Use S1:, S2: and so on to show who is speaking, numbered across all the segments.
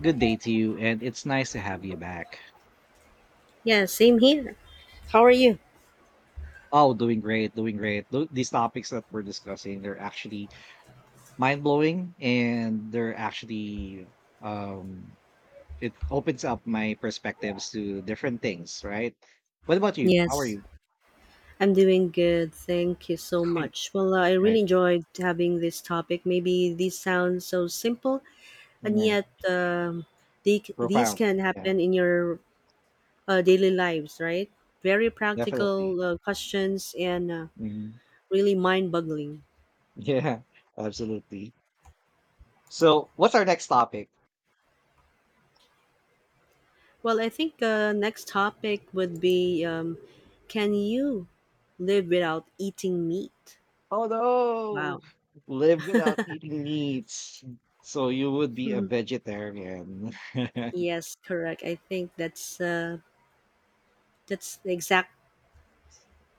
S1: Good day to you, and it's nice to have you back.
S2: Yeah, same here. How are you?
S1: Oh, doing great, doing great. These topics that we're discussing, they're actually mind blowing, and they're actually um, it opens up my perspectives to different things, right? What about you? How are
S2: Yes,
S1: you?
S2: I'm doing good. Thank you so much. Well, I really
S1: Right.
S2: enjoyed having this topic. Maybe these sound so simple, and
S1: Hmm.
S2: yet they, these
S1: Profound.
S2: can
S1: Yeah,
S2: happen in your daily lives, right? Very
S1: definitely.
S2: practical questions and
S1: Mhm.
S2: really mind boggling.
S1: Yeah, absolutely. So, what's our next topic?
S2: Well, I think next topic would be can you live without eating meat?
S1: Oh no!
S2: Wow.
S1: Live without eating meats. So you would be a vegetarian.
S2: Yes, correct. I think that's that's the exact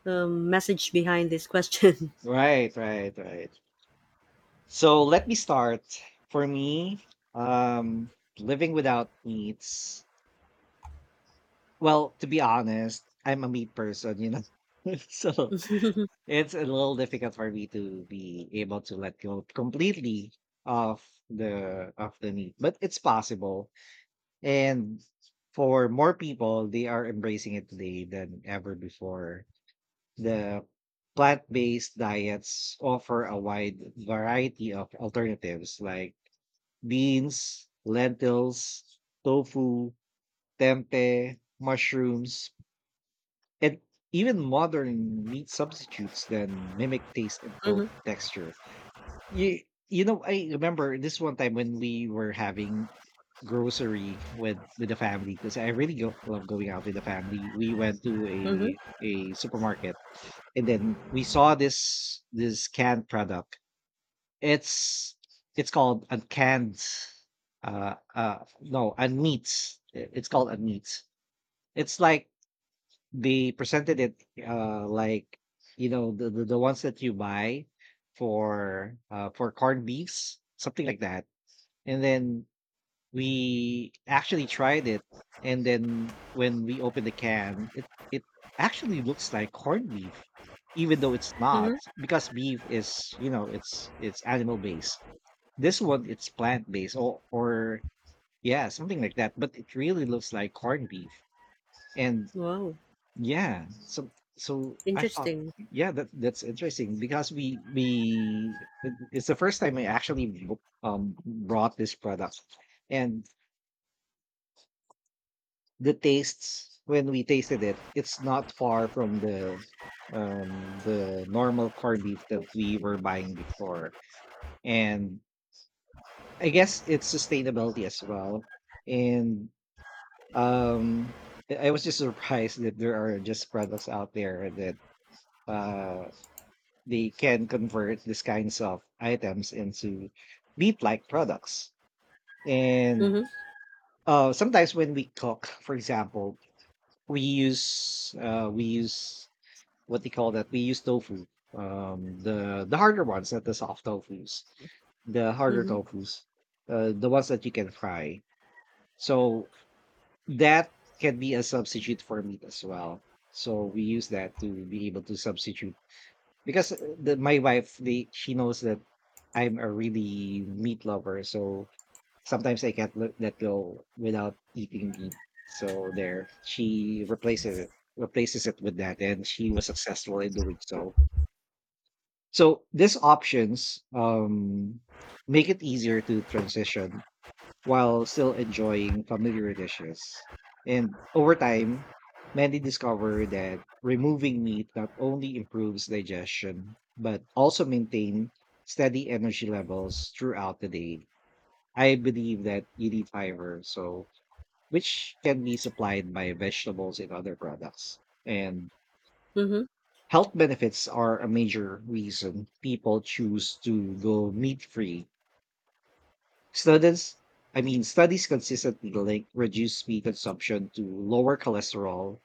S2: message behind this question.
S1: Right, right, right. So let me start. For me, um, living without meats. Well, to be honest, I'm a meat person, So
S2: Mm-hmm,
S1: it's a little difficult for me to be able to let go completely of the meat, but it's possible. And for more people, they are embracing it today than ever before. The plant based diets offer a wide variety of alternatives like beans, lentils, tofu, tempeh, mushrooms, and even modern meat substitutes that mimic taste and cold texture. You, you know, I remember this one time when we were having grocery with the family because I really love going out with the family. We went to
S2: hmm,
S1: a supermarket and then we saw this canned product. It's it's called uncanned no unmeats. It's called unmeats. It's like they presented it like the the ones that you buy for corned beefs, something like that. And then we actually tried it, and then when we opened the can, it actually looks like corned beef, even though it's not,
S2: hmm.
S1: because beef is it's animal based. This one it's plant based, or yeah, something like that. But it really looks like corned beef, and
S2: Wow,
S1: yeah, so I thought
S2: interesting.
S1: yeah that that's interesting because it's the first time I actually brought this product and the tastes when we tasted it, it's not far from the normal corned beef that we were buying before. And I guess it's sustainability as well. And um I I was just surprised that there are just products out there that uh they can convert these kinds of items into meat like products. And
S2: Mm-hmm,
S1: sometimes when we cook, for example, we use what they call that. We use tofu, the harder ones, not the soft tofu's, the harder
S2: hmm,
S1: tofu's, the ones that you can fry. So that can be a substitute for meat as well. So we use that to be able to substitute because the, my wife, they, she knows that I'm a really meat lover, so sometimes I can't let that go without eating meat. So there, she replaces it with that, and she was successful in doing so. So these options make it easier to transition while still enjoying familiar dishes. And over time, many discover that removing meat not only improves digestion, but also maintain steady energy levels throughout the day. I believe that you need fiber, so which can be supplied by vegetables and other products. And
S2: hmm,
S1: health benefits are a major reason people choose to go meat free. Studies, studies consistently link reduced meat consumption to lower cholesterol,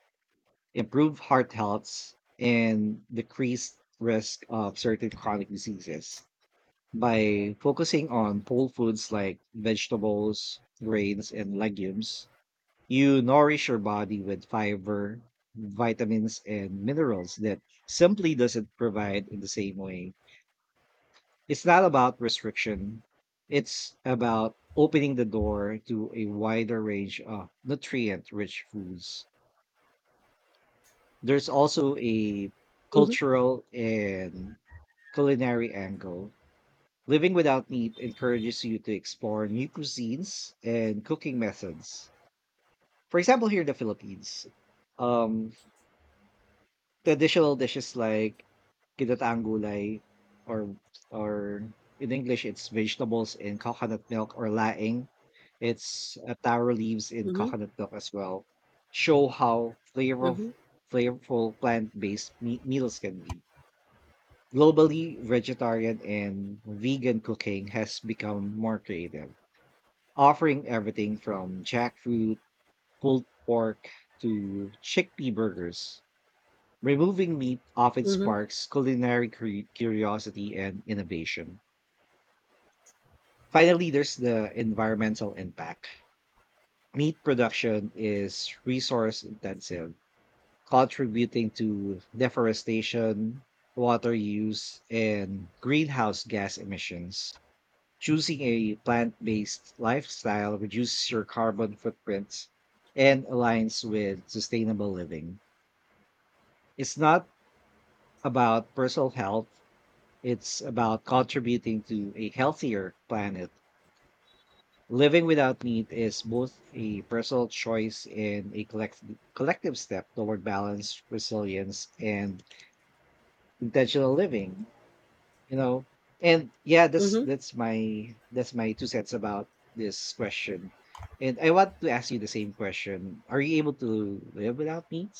S1: improve heart health, and decreased risk of certain chronic diseases. By focusing on whole foods like vegetables, grains, and legumes, you nourish your body with fiber, vitamins, and minerals that simply doesn't provide in the same way. It's not about restriction, it's about opening the door to a wider range of nutrient rich foods. There's also a
S2: hmm,
S1: cultural and culinary angle. Living without meat encourages you to explore new cuisines and cooking methods. For example, here in the Philippines, um, traditional dishes like ginataang gulay or or in English it's vegetables in coconut milk or laing. It's taro leaves in
S2: hmm,
S1: coconut milk as well. Show how
S2: hmm,
S1: flavorful meals can be. Globally, vegetarian and vegan cooking has become more creative, offering everything from jackfruit, pulled pork to chickpea burgers. Removing meat often
S2: hmm,
S1: sparks curiosity and innovation. Finally, there's the environmental impact. Meat production is resource intensive, contributing to deforestation, water use, and greenhouse gas emissions. Choosing a plant based lifestyle reduces your carbon footprint and aligns with sustainable living. It's not about personal health. It's about contributing to a healthier planet. Living without meat is both a personal choice and a collective step toward balance, resilience, and intentional living. You know, and yeah,
S2: hmm.
S1: that's my two cents about this question. And I want to ask you the same question: are you able to live without meat?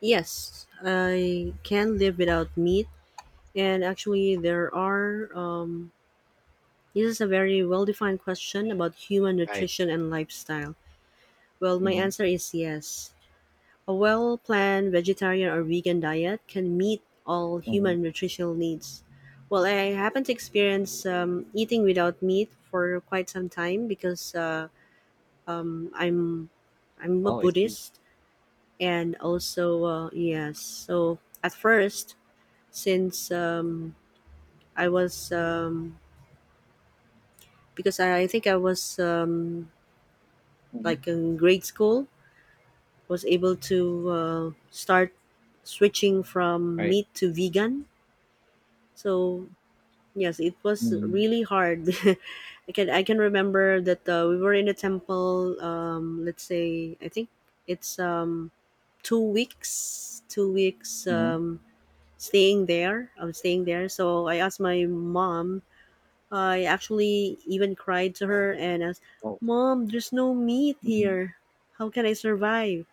S2: Yes, I can live without meat, and actually, there are. This is a very well-defined question about human
S1: Right.
S2: nutrition and lifestyle. Well, my
S1: Hmm.
S2: answer is yes. A well-planned vegetarian or vegan diet can meet all
S1: Hmm.
S2: human nutritional needs. Well, I happen to experience eating without meat for quite some time because um, I'm I'm a
S1: Oh, I see.
S2: Buddhist and also yes. So at first, since I was because I think I was
S1: Mhm.
S2: like in grade school, was able to start switching from
S1: Right.
S2: meat to vegan. So yes, it was
S1: Mm-hmm.
S2: really hard. I can remember that we were in a temple. Let's say I think it's 2 weeks, 2 weeks staying there. I was staying there. So I asked my mom. I actually even cried to her and asked,
S1: Oh.
S2: "Mom, there's no meat
S1: Hmm.
S2: here. How can I survive?"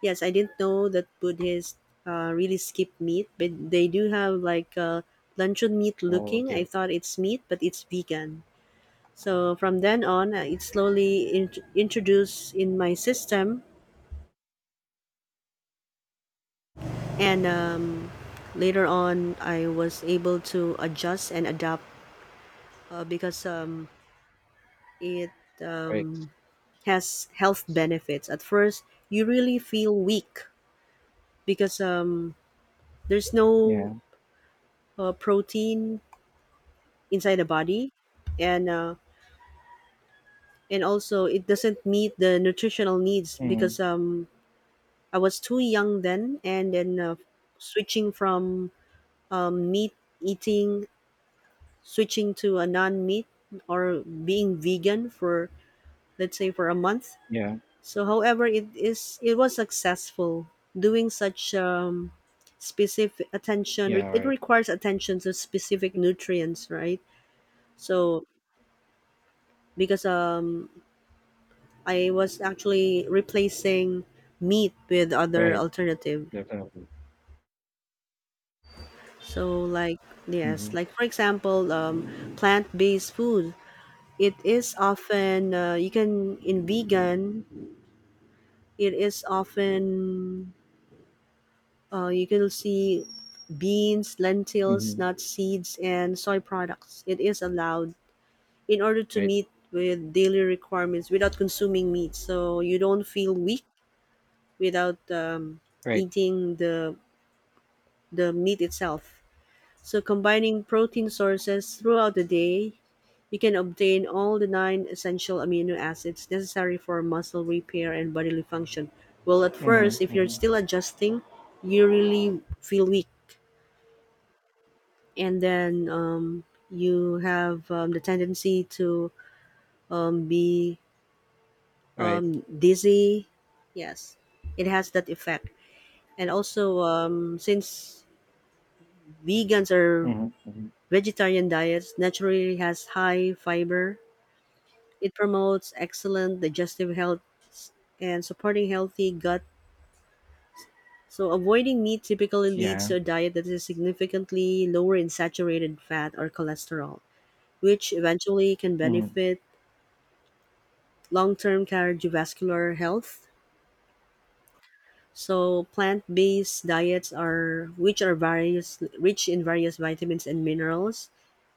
S2: Yes, I didn't know that Buddhists really skip meat, but they do have like luncheon meat
S1: Oh,
S2: looking. I
S1: okay.
S2: thought it's meat, but it's vegan. So from then on, it slowly introduced in my system, and later on, I was able to adjust and adapt because it
S1: Right.
S2: um, has health benefits. At first, you really feel weak because there's no
S1: Yeah.
S2: protein inside the body, and and also it doesn't meet the nutritional needs
S1: Mm.
S2: because I was too young then, and then switching from meat eating, switching to a non-meat or being vegan for, let's say, for a month.
S1: Yeah.
S2: So however it is, it was successful doing such specific attention.
S1: Yeah.
S2: It
S1: Right.
S2: requires attention to specific nutrients, right? So because I was actually replacing meat with other
S1: Right.
S2: alternative.
S1: Definitely.
S2: So like yes,
S1: Mhm.
S2: like for example, plant-based food. It is often you can in vegan. It is often you can see beans, lentils,
S1: Mhm.
S2: nuts, seeds, and soy products. It is allowed in order to
S1: Right.
S2: meet with daily requirements without consuming meat. So you don't feel weak without
S1: Right.
S2: eating the meat itself. So combining protein sources throughout the day, you can obtain all the nine essential amino acids necessary for muscle repair and bodily function. Well, at first,
S1: Mhm.
S2: if you're
S1: Mhm.
S2: still adjusting, you really feel weak, and then you have the tendency to be
S1: Right.
S2: dizzy. Yes, it has that effect. And also, since vegans are...
S1: Mhm. Mhm.
S2: Vegetarian diets naturally has high fiber. It promotes excellent digestive health and supporting healthy gut. So avoiding meat typically leads
S1: Yeah.
S2: to a diet that is significantly lower in saturated fat or cholesterol, which eventually can
S1: Mhm.
S2: benefit long-term cardiovascular health. So plant-based diets are, which are various, rich in various vitamins and minerals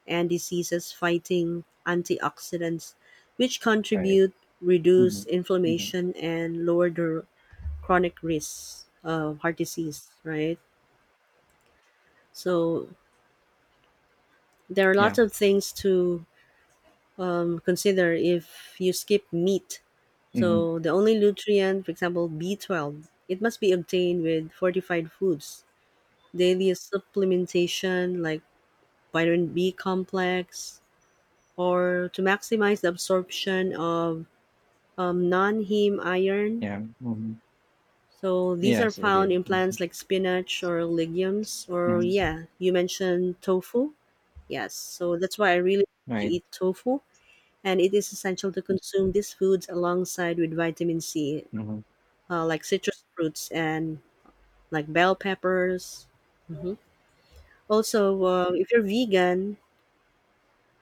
S2: and diseases fighting antioxidants which
S1: Right.
S2: contribute reduce
S1: Mhm. Mhm.
S2: inflammation and lower the chronic risks of heart disease, right? So there are
S1: Yeah.
S2: lots of things to consider if you skip meat.
S1: Mhm.
S2: So the only nutrient, for example, B12, it must be obtained with fortified foods, daily supplementation like vitamin b complex, or to maximize the absorption of non-heme iron.
S1: Yeah. Mhm.
S2: So these are
S1: Yes, it
S2: found
S1: did.
S2: in
S1: Mhm.
S2: plants like spinach or legumes, or
S1: Mhm.
S2: yeah, you mentioned tofu. Yes, so that's why I really like to
S1: Right.
S2: eat tofu, and it is essential to consume these foods alongside with vitamin C,
S1: Mhm.
S2: like citrus fruits and like bell peppers. Mhm. Also, if you're vegan,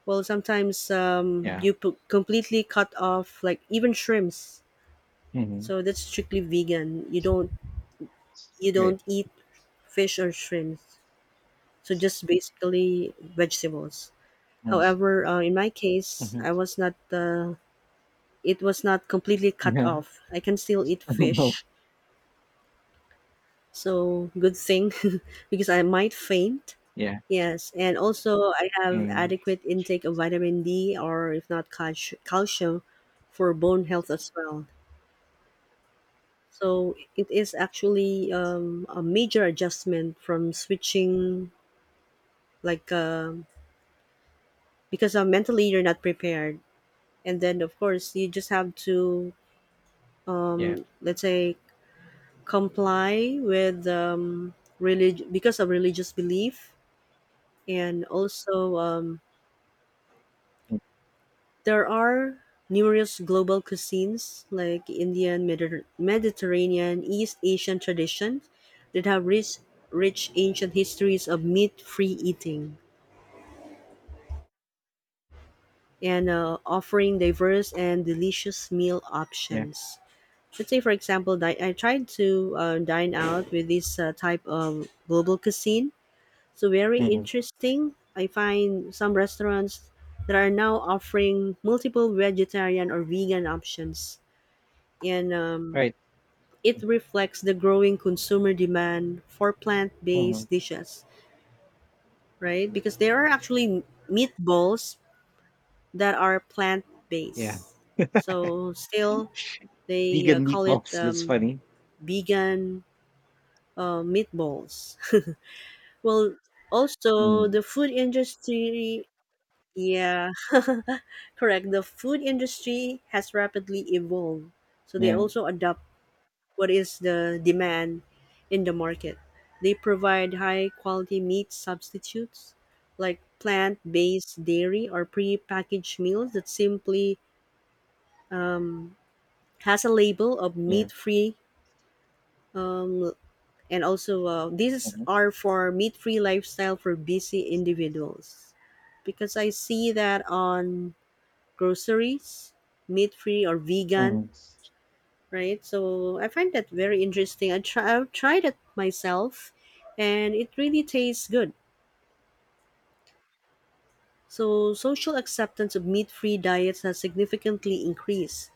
S2: well, sometimes
S1: Yeah.
S2: you completely cut off, like even shrimps.
S1: Mhm.
S2: So that's strictly vegan. You don't you
S1: Right.
S2: don't eat fish or shrimps. So just basically vegetables.
S1: Mhm.
S2: However, in my case,
S1: Mhm.
S2: I was not. It was not completely cut
S1: Yeah.
S2: off. I can still eat fish. So good thing, because I might faint.
S1: Yeah.
S2: Yes, and also I have
S1: Mhm.
S2: adequate intake of vitamin D, or if not, calcium for bone health as well. So it is actually a major adjustment from switching, like because mentally you're not prepared, and then of course you just have to,
S1: Yeah.
S2: let's say, comply with because of religious belief. And also
S1: Mm.
S2: there are numerous global cuisines like Indian, Mediterranean, East Asian traditions that have rich, rich ancient histories of meat-free eating, and offering diverse and delicious meal
S1: Yeah.
S2: options. Let's say, for example, I tried to dine out with this type of global cuisine. So very
S1: Mhm.
S2: interesting, I find some restaurants that are now offering multiple vegetarian or vegan options, and
S1: Right.
S2: it reflects the growing consumer demand for
S1: Mhm.
S2: plant-based dishes, right? Because there are actually meatballs that are
S1: Yeah.
S2: plant-based, so still they
S1: Vegan
S2: call it
S1: meatballs. That's funny.
S2: vegan meatballs. Well, also
S1: Mm.
S2: the food industry, yeah, correct. The food industry has rapidly evolved, so they
S1: Yeah.
S2: also adopt what is the demand in the market. They provide high quality meat substitutes like plant based dairy or pre packaged meals that simply um, has a label of
S1: Yeah.
S2: meat free, um, and also these
S1: Mm-hmm.
S2: are for meat-free lifestyle for busy individuals. Because I see that on groceries, meat-free or vegan,
S1: Mhm.
S2: right? So I find that very interesting. I try, I've tried it myself, and it really tastes good. So social acceptance of meat-free diets has significantly increased,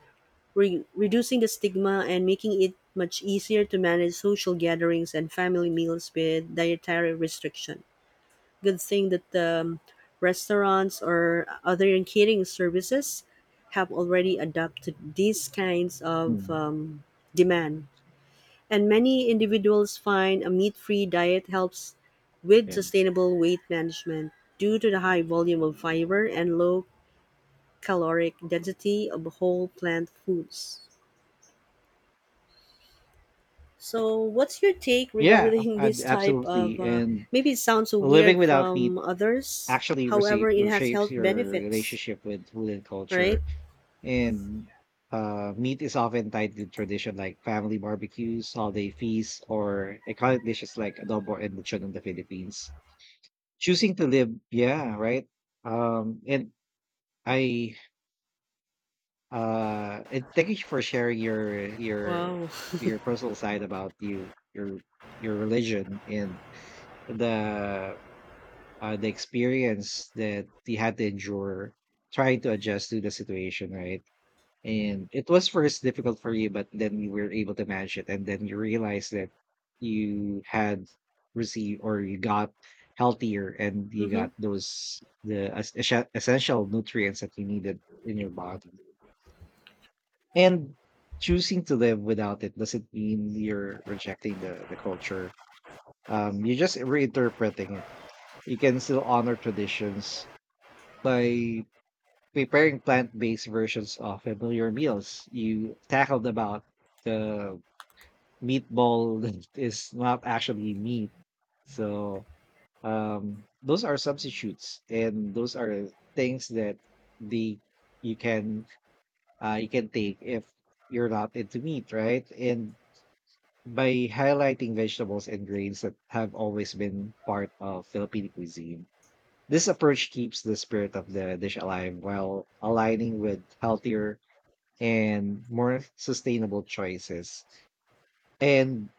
S2: reducing the stigma and making it much easier to manage social gatherings and family meals with dietary restrictions. Good thing that the restaurants or other catering services have already adopted these kinds of
S1: Mm.
S2: demand. And many individuals find a meat free diet helps with
S1: Yeah.
S2: sustainable weight management due to the high volume of fiber and low caloric density of whole plant foods. So, what's your take
S1: Yeah,
S2: regarding
S1: ad
S2: this type of?
S1: absolutely,
S2: Uh,
S1: and
S2: maybe it sounds so
S1: living
S2: weird
S1: without meat
S2: from others.
S1: actually receive
S2: However, it has
S1: reshapes
S2: health
S1: your
S2: benefits.
S1: relationship with food and
S2: Right?
S1: culture, and, meat is often tied to tradition like family barbecues, holiday feasts, or iconic dishes like adobo and lechon in the Philippines. Choosing to live yeah, right? Um, and I, and thank you for sharing
S2: Wow.
S1: your personal side about your religion and the the experience that he had to endure trying to adjust to the situation, right? And it was first difficult for you, but then you were able to manage it, and then you realized that you had received or you got healthier and you
S2: Mhm.
S1: got those the es- es- essential nutrients that you needed in your body. And choosing to live without it doesn't mean you're rejecting the culture. You're just reinterpreting it. You can still honor traditions by preparing plant-based versions of familiar meals. You tackled about the meatball that is not actually meat. So those are substitutes, and those are things that the you can you can take if you're not into meat, right? And by highlighting vegetables and grains that have always been part of Filipino cuisine. This approach keeps the spirit of the dish alive while aligning with healthier and more sustainable choices. And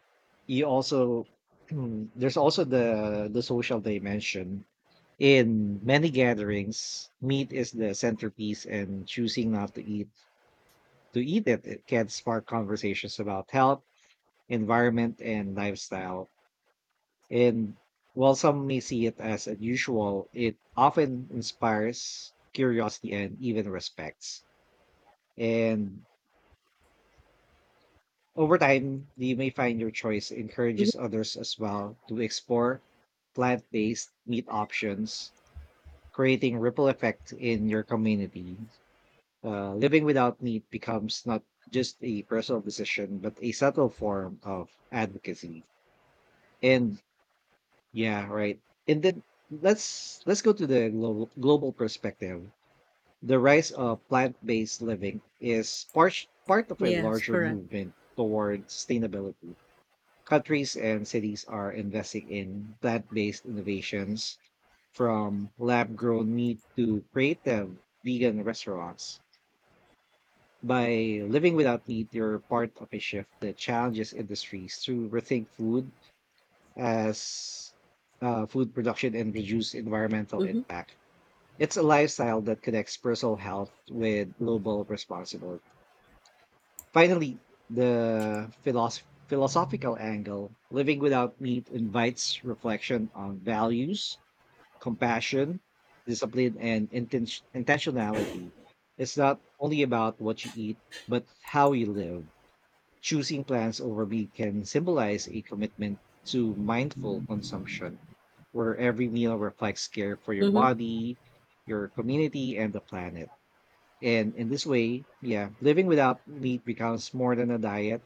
S1: you also there's also the social dimension. In many gatherings, meat is the centerpiece and choosing not to eat it, it can spark conversations about health, environment, and lifestyle. And while some may see it as unusual, it often inspires curiosity and even respects. And over time, you may find your choice
S2: Mhm.
S1: encourages others as well to explore plant based meat options, creating ripple effect in your community. Living without meat becomes not just a personal decision, but a subtle form of advocacy. And yeah, right. And then let's go to the global perspective. The rise of plant-based living is part of a
S2: Yes,
S1: larger
S2: correct.
S1: movement toward sustainability. Countries and cities are investing in plant-based innovations from lab-grown meat to creative vegan restaurants. By living without meat, you're part of a shift that challenges industries to rethink food as food production and reduce environmental
S2: Mhm.
S1: impact. It's a lifestyle that connects personal health with global responsibility. Finally, the philosophical angle living without meat invites reflection on values, compassion, discipline, and intentionality. It's not only about what you eat, but how you live. Choosing plants over meat can symbolize a commitment to mindful consumption, where every meal reflects care for your
S2: Mhm.
S1: body, your community, and the planet. And in this way, yeah, living without meat becomes more than a diet.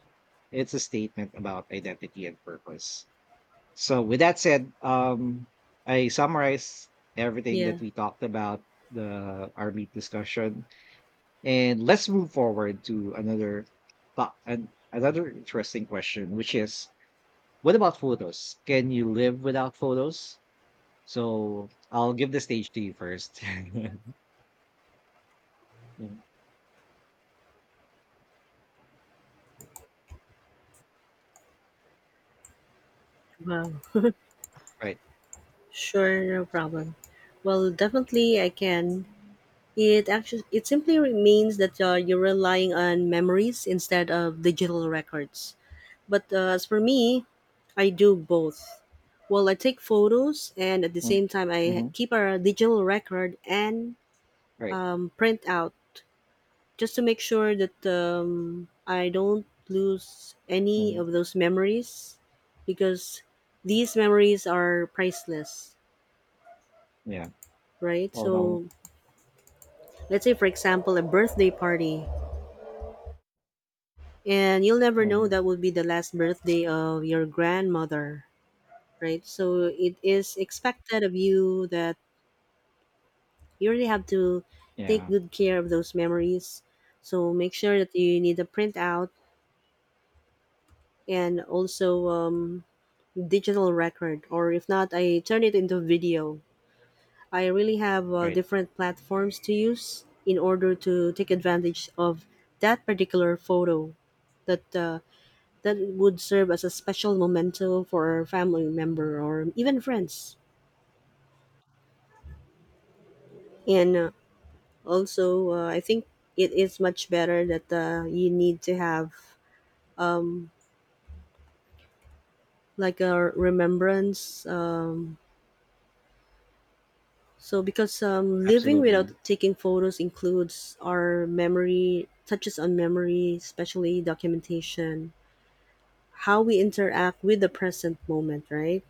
S1: It's a statement about identity and purpose. So, with that said, I summarize everything that
S2: Yeah.
S1: we talked about the our meat discussion and let's move forward to another thought and another interesting question, which is what about photos? Can you live without photos? So I'll give the stage to you first. Mm,
S2: Wow.
S1: right.
S2: Sure, no problem. Well, definitely I can. It actually, it simply means that you're relying on memories instead of digital records. But as for me, I do both. Well, I take photos, and at the
S1: Mm-hmm.
S2: same time I
S1: Mm-hmm.
S2: keep a digital record and
S1: Right.
S2: print out just to make sure that I don't lose any
S1: Mhm.
S2: of those memories, because these memories are priceless,
S1: Yeah.
S2: right?
S1: Oh no.
S2: So, let's say, for example, a birthday party, and you'll never know
S1: Hmm.
S2: that would be the last birthday of your grandmother, right? So, it is expected of you that you really have to take
S1: Yeah.
S2: good care of those memories. So, make sure that you need a printout and also digital record, or if not, I turn it into video. I really have
S1: Right.
S2: different platforms to use in order to take advantage of that particular photo that uh, that would serve as a special memento for a family member or even friends, and also I think it is much better that you need to have um, like a remembrance, so, because living without
S1: Absolutely.
S2: taking photos includes our memory, touches on memory, especially documentation, how we interact with the present moment, right?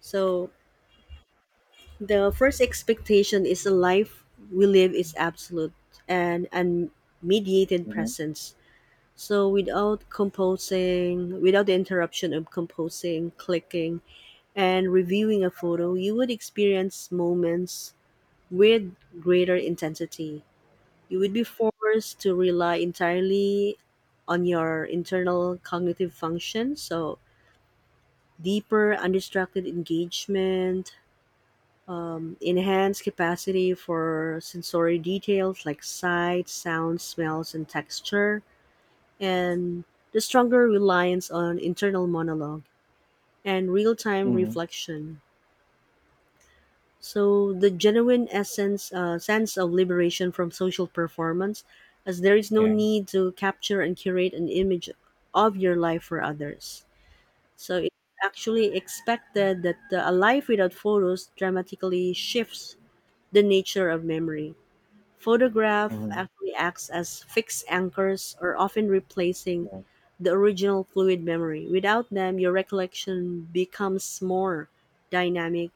S2: So, the first expectation is a life we live is absolute and unmediated
S1: Hmm.
S2: presence. So, without composing, without the interruption of composing, clicking, and reviewing a photo, you would experience moments with greater intensity. You would be forced to rely entirely on your internal cognitive function. So, deeper, undistracted engagement, enhanced capacity for sensory details like sight, sound, smells, and texture, and the stronger reliance on internal monologue and real time
S1: Hmm.
S2: reflection. So the genuine essence, sense of liberation from social performance, as there is no
S1: Yeah.
S2: need to capture and curate an image of your life for others. So it's actually expected that a life without photos dramatically shifts the nature of memory. Photograph
S1: Hmm.
S2: actually acts as fixed anchors, or often replacing
S1: Yeah.
S2: the original fluid memory. Without them, your recollection becomes more dynamic,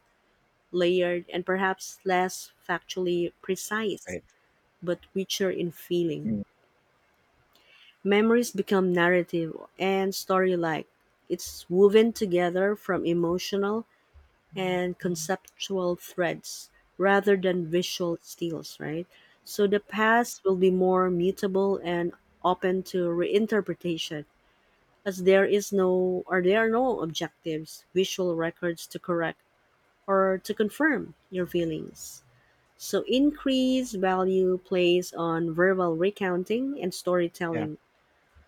S2: layered, and perhaps less factually precise,
S1: Right.
S2: but richer in feeling.
S1: Mm.
S2: Memories become narrative and story like. It's woven together from emotional and conceptual threads rather than visual steals, right? So the past will be more mutable and open to reinterpretation, as there is no, or there are no objectives, visual records to correct or to confirm your feelings. So, increased value placed on verbal recounting and
S1: Yeah.
S2: storytelling.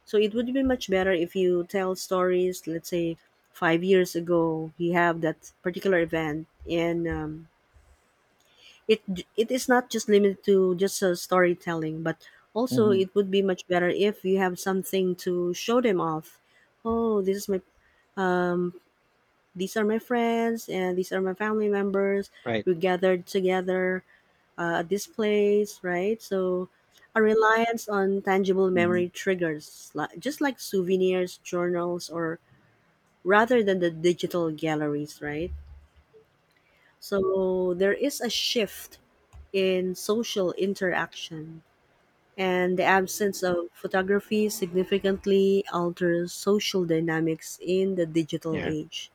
S2: So, it would be much better if you tell stories, let's say, 5 years ago, you have that particular event, and it it is not just limited to just storytelling, but also
S1: Hmm.
S2: it would be much better if you have something to show them off. Oh, this is my these are my friends, and these are my family members.
S1: Right.
S2: We gathered together, displays, right? So a reliance on tangible
S1: Hmm.
S2: memory triggers, just like souvenirs, journals, or rather than the digital galleries, right? So there is a shift in social interaction, and the absence of photography significantly alters social dynamics in the digital
S1: Yeah.
S2: age.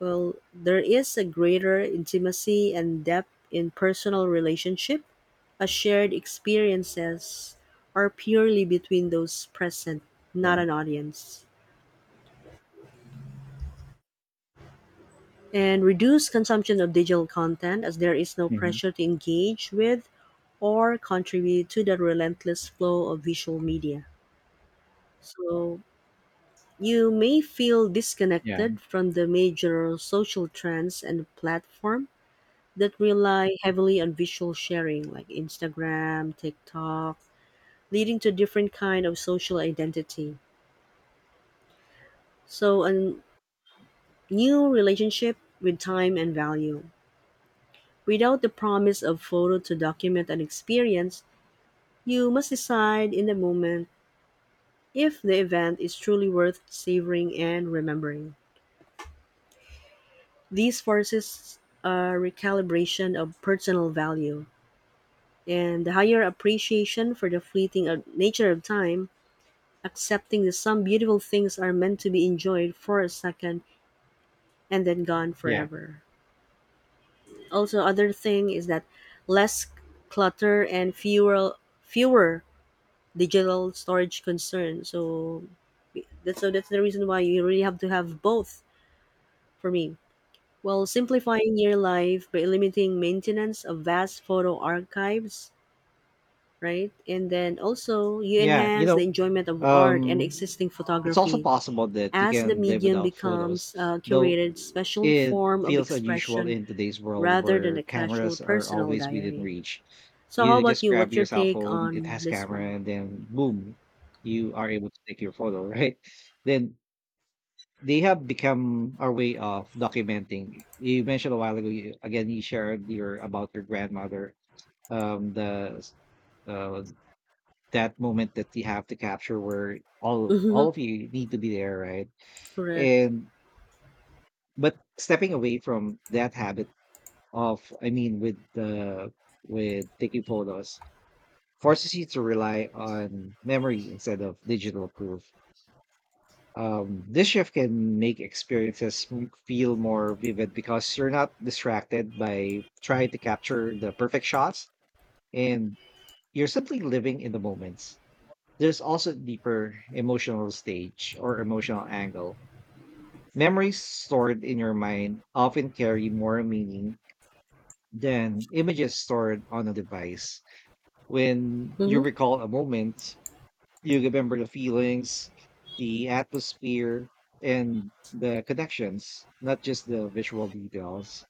S2: Well, there is a greater intimacy and depth in personal relationship, as shared experiences are purely between those present, not
S1: Yeah.
S2: an audience. And reduce consumption of digital content as there is no
S1: Hmm.
S2: pressure to engage with or contribute to the relentless flow of visual media. So you may feel
S1: Yeah.
S2: disconnected from the major social trends and platform that rely heavily on visual sharing like Instagram, TikTok, leading to different kind of social identity. So a new relationship with time and value. Without the promise of photo to document an experience, you must decide in the moment if the event is truly worth savoring and remembering. These forces a recalibration of personal value and the higher appreciation for the fleeting of nature of time. Accepting that some beautiful things are meant to be enjoyed for a second and then gone
S1: Yeah.
S2: forever. Also, other thing is that less clutter and fewer digital storage concerns. So that's, so that's the reason why you really have to have both for me. Well, simplifying your life by limiting maintenance of vast photo archives, right? And then also you
S1: Yeah. You
S2: enhance the
S1: know,
S2: enjoyment of art and
S1: um,
S2: existing
S1: it's also
S2: photography
S1: possible that you
S2: as the
S1: can live
S2: medium
S1: without photos,
S2: becomes a
S1: though
S2: curated special
S1: it
S2: form of
S1: feels unusual
S2: expression
S1: in today's world
S2: rather than
S1: where
S2: a casual
S1: cameras are
S2: personal
S1: always within
S2: diary.
S1: reach.
S2: So how
S1: You
S2: about
S1: just
S2: you?
S1: grab
S2: What's your
S1: your cell
S2: take
S1: phone, it
S2: on
S1: has
S2: this
S1: camera,
S2: one?
S1: and then boom, you are able to take your photo, right? Then they have become our way of documenting. You mentioned a while ago, you, again, you shared your about your grandmother, um, the s- uh, that moment that you have to capture where
S2: Mm-hmm.
S1: all of you need to be there, right?
S2: Correct.
S1: And but stepping away from that habit of, I mean, with the with taking photos forces you to rely on memory instead of digital proof. This shift can make experiences feel more vivid because you're not distracted by trying to capture the perfect shots and you're simply living in the moments. There's also a deeper emotional stage or emotional angle. Memories stored in your mind often carry more meaning than images stored on a device. When you
S2: Mm-hmm,
S1: recall a moment, you remember the feelings, the atmosphere, and the connections, not just the visual details.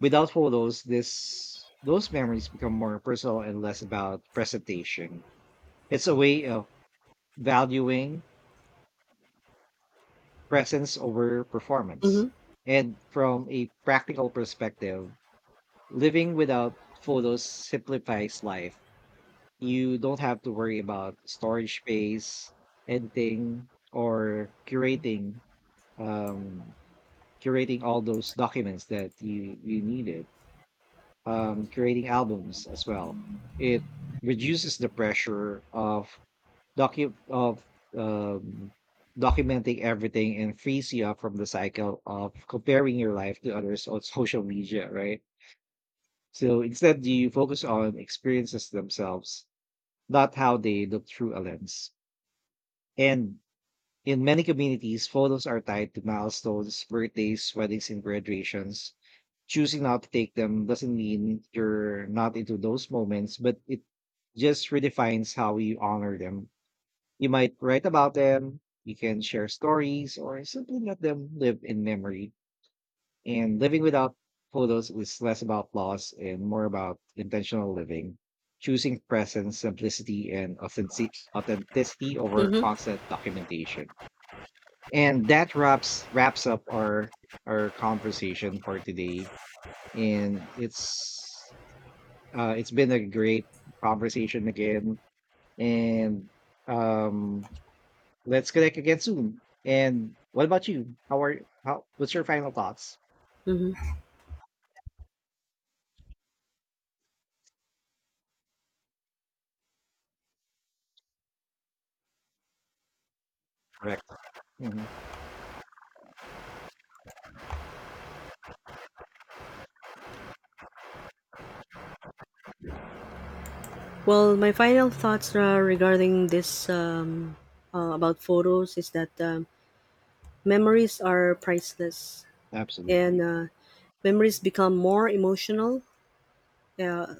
S1: Without photos, this those memories become more personal and less about presentation. It's a way of valuing presence over performance.
S2: mm-hmm,
S1: And from a practical perspective, living without photos simplifies life. You don't have to worry about storage space, editing, or um, curating all those documents that you needed. Curating albums as well. It reduces the pressure of docu of um, documenting everything and frees you up from the cycle of comparing your life to others on social media, right? So instead, you focus on experiences themselves, not how they look through a lens. And in many communities, photos are tied to milestones, birthdays, weddings, and graduations. Choosing not to take them doesn't mean you're not into those moments, but it just redefines how you honor them. You might write about them, you can share stories, or simply let them live in memory. And living without photos is less about loss and more about intentional living, choosing presence, simplicity, and authenticity over
S2: mm-hmm,
S1: constant documentation. And that wraps up our conversation for today. And it's been a great conversation again. And um, let's connect again soon. And what about you? How are how? What's your final thoughts?
S2: mm-hmm.
S1: Correct. Hmm.
S2: Well, my final thoughts regarding this, about photos is that memories are priceless, and
S1: Absolutely.
S2: memories become more emotional. Uh,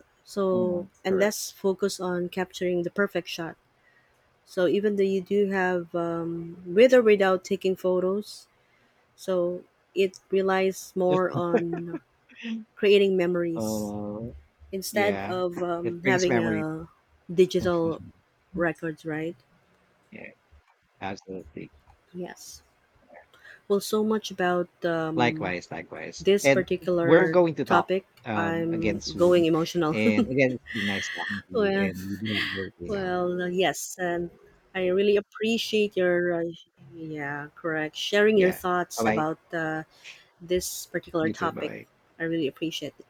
S1: Hmm,
S2: so and less
S1: correct.
S2: focus on capturing the perfect shot. So even though you do have, with or without taking photos, so it relies more on creating memories
S1: Uh,
S2: instead
S1: yeah,
S2: of
S1: it brings
S2: having
S1: memories.
S2: a digital records, right?
S1: Yeah, absolutely.
S2: Yes. Well, so much about
S1: Likewise, likewise.
S2: this
S1: And we're
S2: particular
S1: going to talk
S2: topic.
S1: um,
S2: I'm
S1: again
S2: going
S1: soon.
S2: emotional.
S1: And again, it's been nice talking to you.
S2: well,
S1: And you do have a great day now.
S2: well, yes, and I really appreciate your, yeah, correct, sharing your
S1: Yeah. Bye
S2: thoughts
S1: bye.
S2: about this particular
S1: You too. Bye
S2: topic.
S1: bye.
S2: I really appreciate it.